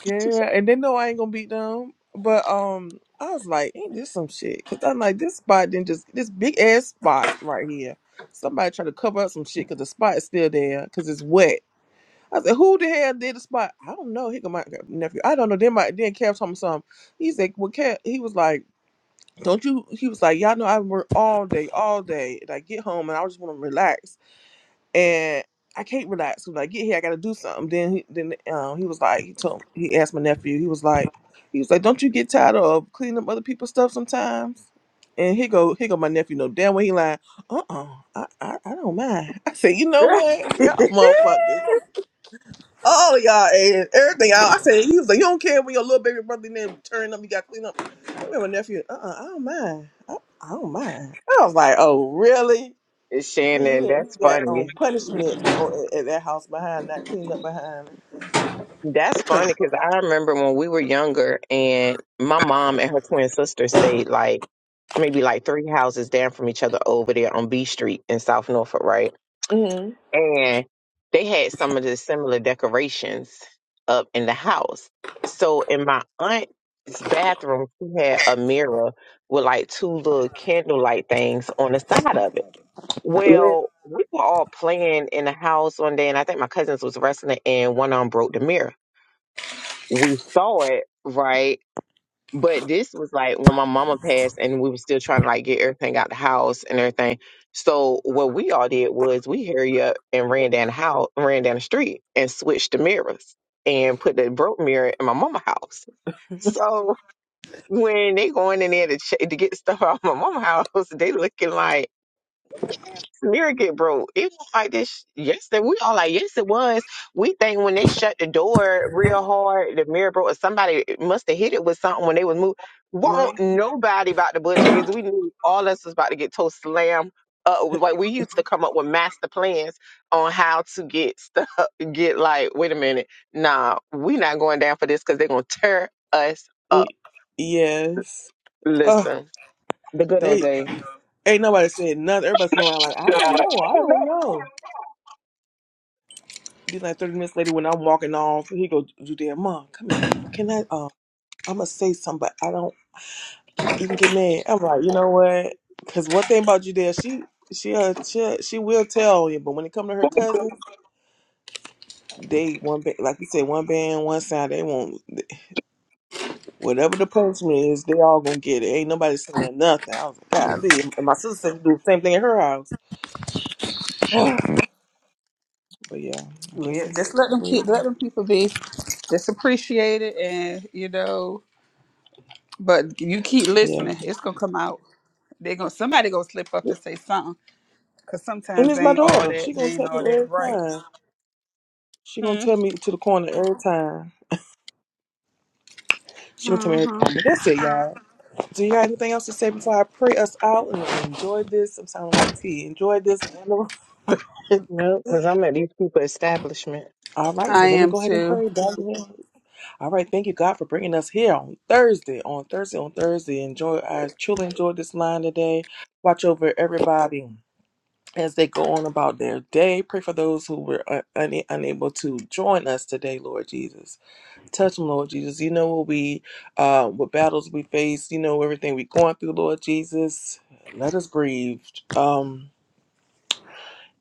Speaker 1: Girl, and they know I ain't gonna beat them. But um, I was like, ain't this some shit? Cause I'm like, this spot didn't just this big ass spot right here. Somebody trying to cover up some shit because the spot is still there because it's wet. I said, who the hell did the spot? I don't know. Here come my nephew. I don't know. Then my then Kev told me something. He's like, well, Kev, he was like, don't you? He was like, y'all know I work all day, all day, and I get home and I just want to relax and I can't relax. When I get here, I gotta do something. Then, he, then um, he was like, he told, he asked my nephew. He was like, he was like, don't you get tired of cleaning up other people's stuff sometimes? And he go, he go, my nephew. No damn well he lying. Uh uh I, I I don't mind. I said, you know what, y'all motherfuckers, all of y'all and everything. I, I said, he was like, you don't care when your little baby brother name turn up, you got to clean up. I remember my nephew. Uh uh I don't mind. I, I don't mind. I was like, oh really? Lee, you
Speaker 4: Shannon.
Speaker 1: you
Speaker 4: That's
Speaker 1: got um
Speaker 4: funny.
Speaker 1: punishment on, at that house behind not cleaning up behind.
Speaker 4: That's funny because I remember when we were younger, and my mom and her twin sister stayed like maybe like three houses down from each other over there on B Street in South Norfolk, right?
Speaker 1: Mm-hmm.
Speaker 4: And they had some of the similar decorations up in the house. So in my aunt's bathroom, she had a mirror with like two little candlelight things on the side of it.
Speaker 1: Well,
Speaker 4: Well, we were all playing in the house one day, and I think my cousins was wrestling, and one of them broke the mirror. We saw it, right? But this was like when my mama passed, and we were still trying to like get everything out the house and everything. So what we all did was we hurry up and ran down the house, ran down the street, and switched the mirrors and put the broke mirror in my mama house. So when they going in there to ch- to get stuff out of my mama house, they looking like Lyric it, bro. It was like this. Yes, that we all like. Yes, it was. We think when they shut the door real hard, the mirror broke. Or somebody must have hit it with something when they was moving.
Speaker 1: no.
Speaker 4: Won't nobody about the butch because we knew all us was about to get toast slam. Uh, like we used to come up with master plans on how to get stuff. Get like, wait a minute, nah, we not going down for this because they're gonna tear us
Speaker 1: Y-
Speaker 4: up.
Speaker 1: yes. Oh,
Speaker 4: Listen, the good old
Speaker 1: they
Speaker 4: days.
Speaker 1: ain't nobody said nothing. Everybody's sitting around like, I
Speaker 4: Shut
Speaker 1: don't know, I don't know. Then like thirty minutes later, when I'm walking off, he go, Judea, mom, come here. Can I? Um, I'm gonna say something, but I don't even get mad. I'm like, you know what? Because one thing about Judea, she. She uh, she uh, she will tell you, but when it come to her cousins, they one ba- like you said, one band, one sound. They won't. Whatever the punishment is, they all gonna get it. Ain't nobody saying nothing. I was like, golly. And my sister said do the same thing at her house. but yeah, I guess
Speaker 2: Yeah, just
Speaker 1: that's
Speaker 2: let them
Speaker 1: the way
Speaker 2: keep,
Speaker 1: it goes.
Speaker 2: let them people be. Just appreciate it, and you know. But you keep
Speaker 1: Yeah.
Speaker 2: listening; it's gonna come out. They gonna somebody gonna slip up and say something, cause
Speaker 1: And
Speaker 2: sometimes
Speaker 1: it's
Speaker 2: they
Speaker 1: my
Speaker 2: ain't all
Speaker 1: daughter.
Speaker 2: that.
Speaker 1: She
Speaker 2: They
Speaker 1: gonna
Speaker 2: ain't
Speaker 1: tell
Speaker 2: all
Speaker 1: me
Speaker 2: that
Speaker 1: every
Speaker 2: bright.
Speaker 1: time. She gonna
Speaker 2: Hmm.
Speaker 1: tell me to the corner every time. She gonna tell me every
Speaker 2: hmm
Speaker 1: time. But that's it, y'all. Do y'all have anything else to say before I pray us out and enjoy this? I'm sounding like tea. Enjoy this.
Speaker 4: No, because I'm at these people establishment.
Speaker 1: All right, so
Speaker 2: I
Speaker 1: let me
Speaker 2: am
Speaker 1: go ahead and
Speaker 2: too.
Speaker 1: pray. All right, thank you, God, for bringing us here on Thursday, on Thursday, on Thursday. Enjoy, I truly enjoyed this line today. Watch over everybody as they go on about their day. Pray for those who were un- un- unable to join us today, Lord Jesus. Touch them, Lord Jesus. You know what we, uh, what battles we face. You know everything we're going through, Lord Jesus. Let us breathe. Um,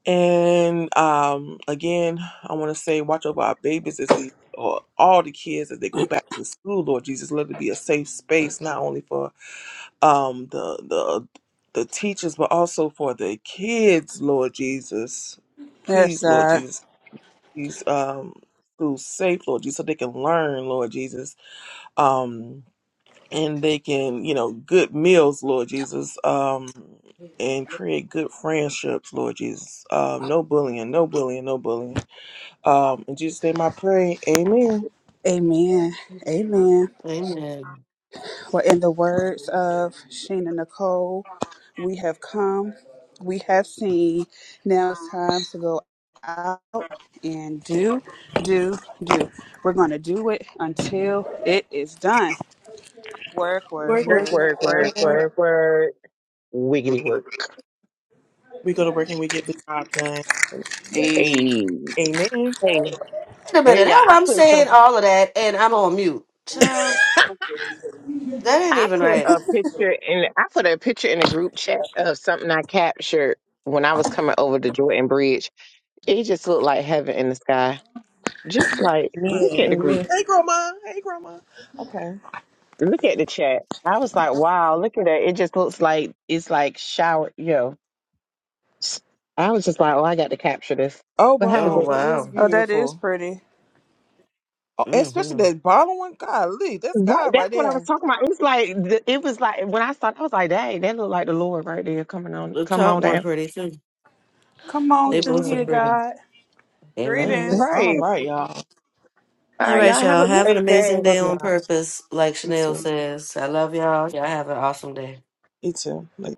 Speaker 1: and um, again, I want to say, watch over our babies as we, or all the kids as they go back to school. Lord Jesus, let it be a safe space not only for um the the the teachers, but also for the kids. Lord Jesus,
Speaker 2: Yes,
Speaker 1: please, Lord
Speaker 2: God.
Speaker 1: Jesus, these um schools safe, Lord Jesus, so they can learn, Lord Jesus. Um, and they can, you know, good meals, Lord Jesus, um, and create good friendships, Lord Jesus. Um, no bullying, no bullying, no bullying. Um, in Jesus' name I pray, amen.
Speaker 2: Amen. Amen.
Speaker 3: Amen.
Speaker 2: Well, in the words of Sheena Nicole, we have come, we have seen. Now it's time to go out and do, do, do. We're going to do it until it is done. Work, work,
Speaker 1: Work,
Speaker 4: Work,
Speaker 1: work, work,
Speaker 4: work,
Speaker 2: work,
Speaker 1: work,
Speaker 4: work,
Speaker 2: work,
Speaker 1: work.
Speaker 4: work,
Speaker 2: work.
Speaker 4: work. Wiggity work.
Speaker 1: We go to work and we get the job done.
Speaker 2: Hey.
Speaker 4: Hey,
Speaker 1: Amen.
Speaker 4: hey,
Speaker 3: Wait a
Speaker 4: hey,
Speaker 3: minute.
Speaker 4: y'all.
Speaker 3: How
Speaker 4: I
Speaker 3: I'm
Speaker 4: put
Speaker 3: saying
Speaker 4: some.
Speaker 3: all of that and I'm on mute. Child, that ain't
Speaker 4: I
Speaker 3: even
Speaker 4: put
Speaker 3: right.
Speaker 4: a picture in. I put a picture in a group chat of something I captured when I was coming over the Jordan Bridge. It just looked like heaven in the sky. Just like
Speaker 1: Amen.
Speaker 4: look at the group.
Speaker 1: Amen. Hey, grandma. Hey, grandma. Okay.
Speaker 4: Look at the chat. I was like, wow, look at that. It just looks like it's like shower. Yo, I was just like, oh, I got to capture this.
Speaker 1: Oh,
Speaker 4: But have a
Speaker 3: Oh,
Speaker 1: wow.
Speaker 4: good
Speaker 1: That is
Speaker 3: wow.
Speaker 2: Oh, that is
Speaker 1: beautiful.
Speaker 2: pretty.
Speaker 1: Oh, especially
Speaker 3: Mm-hmm.
Speaker 1: that bottom one. Golly, that's
Speaker 4: Right,
Speaker 1: God right
Speaker 4: that's what I was
Speaker 1: there.
Speaker 4: talking about. It was like the- it was like when I started, I was like, "Dang, that looked like the Lord right there coming on,
Speaker 3: The
Speaker 4: come
Speaker 3: top
Speaker 4: on
Speaker 3: one
Speaker 4: down."
Speaker 3: pretty, too.
Speaker 2: Come on
Speaker 3: They
Speaker 2: through
Speaker 3: both are
Speaker 2: here,
Speaker 1: Amen.
Speaker 3: pretty.
Speaker 2: God.
Speaker 3: Amen.
Speaker 1: Amen.
Speaker 2: Greetings.
Speaker 1: All
Speaker 4: Right.
Speaker 1: right, y'all.
Speaker 4: All
Speaker 3: All
Speaker 4: right,
Speaker 3: right,
Speaker 4: y'all have
Speaker 3: y'all.
Speaker 4: a
Speaker 3: Have an
Speaker 4: great day.
Speaker 3: amazing day
Speaker 1: Love
Speaker 3: on
Speaker 1: y'all.
Speaker 3: purpose, like
Speaker 1: You
Speaker 3: Chanel
Speaker 1: too.
Speaker 3: says. I love y'all. Y'all have an awesome day.
Speaker 1: You too. Later.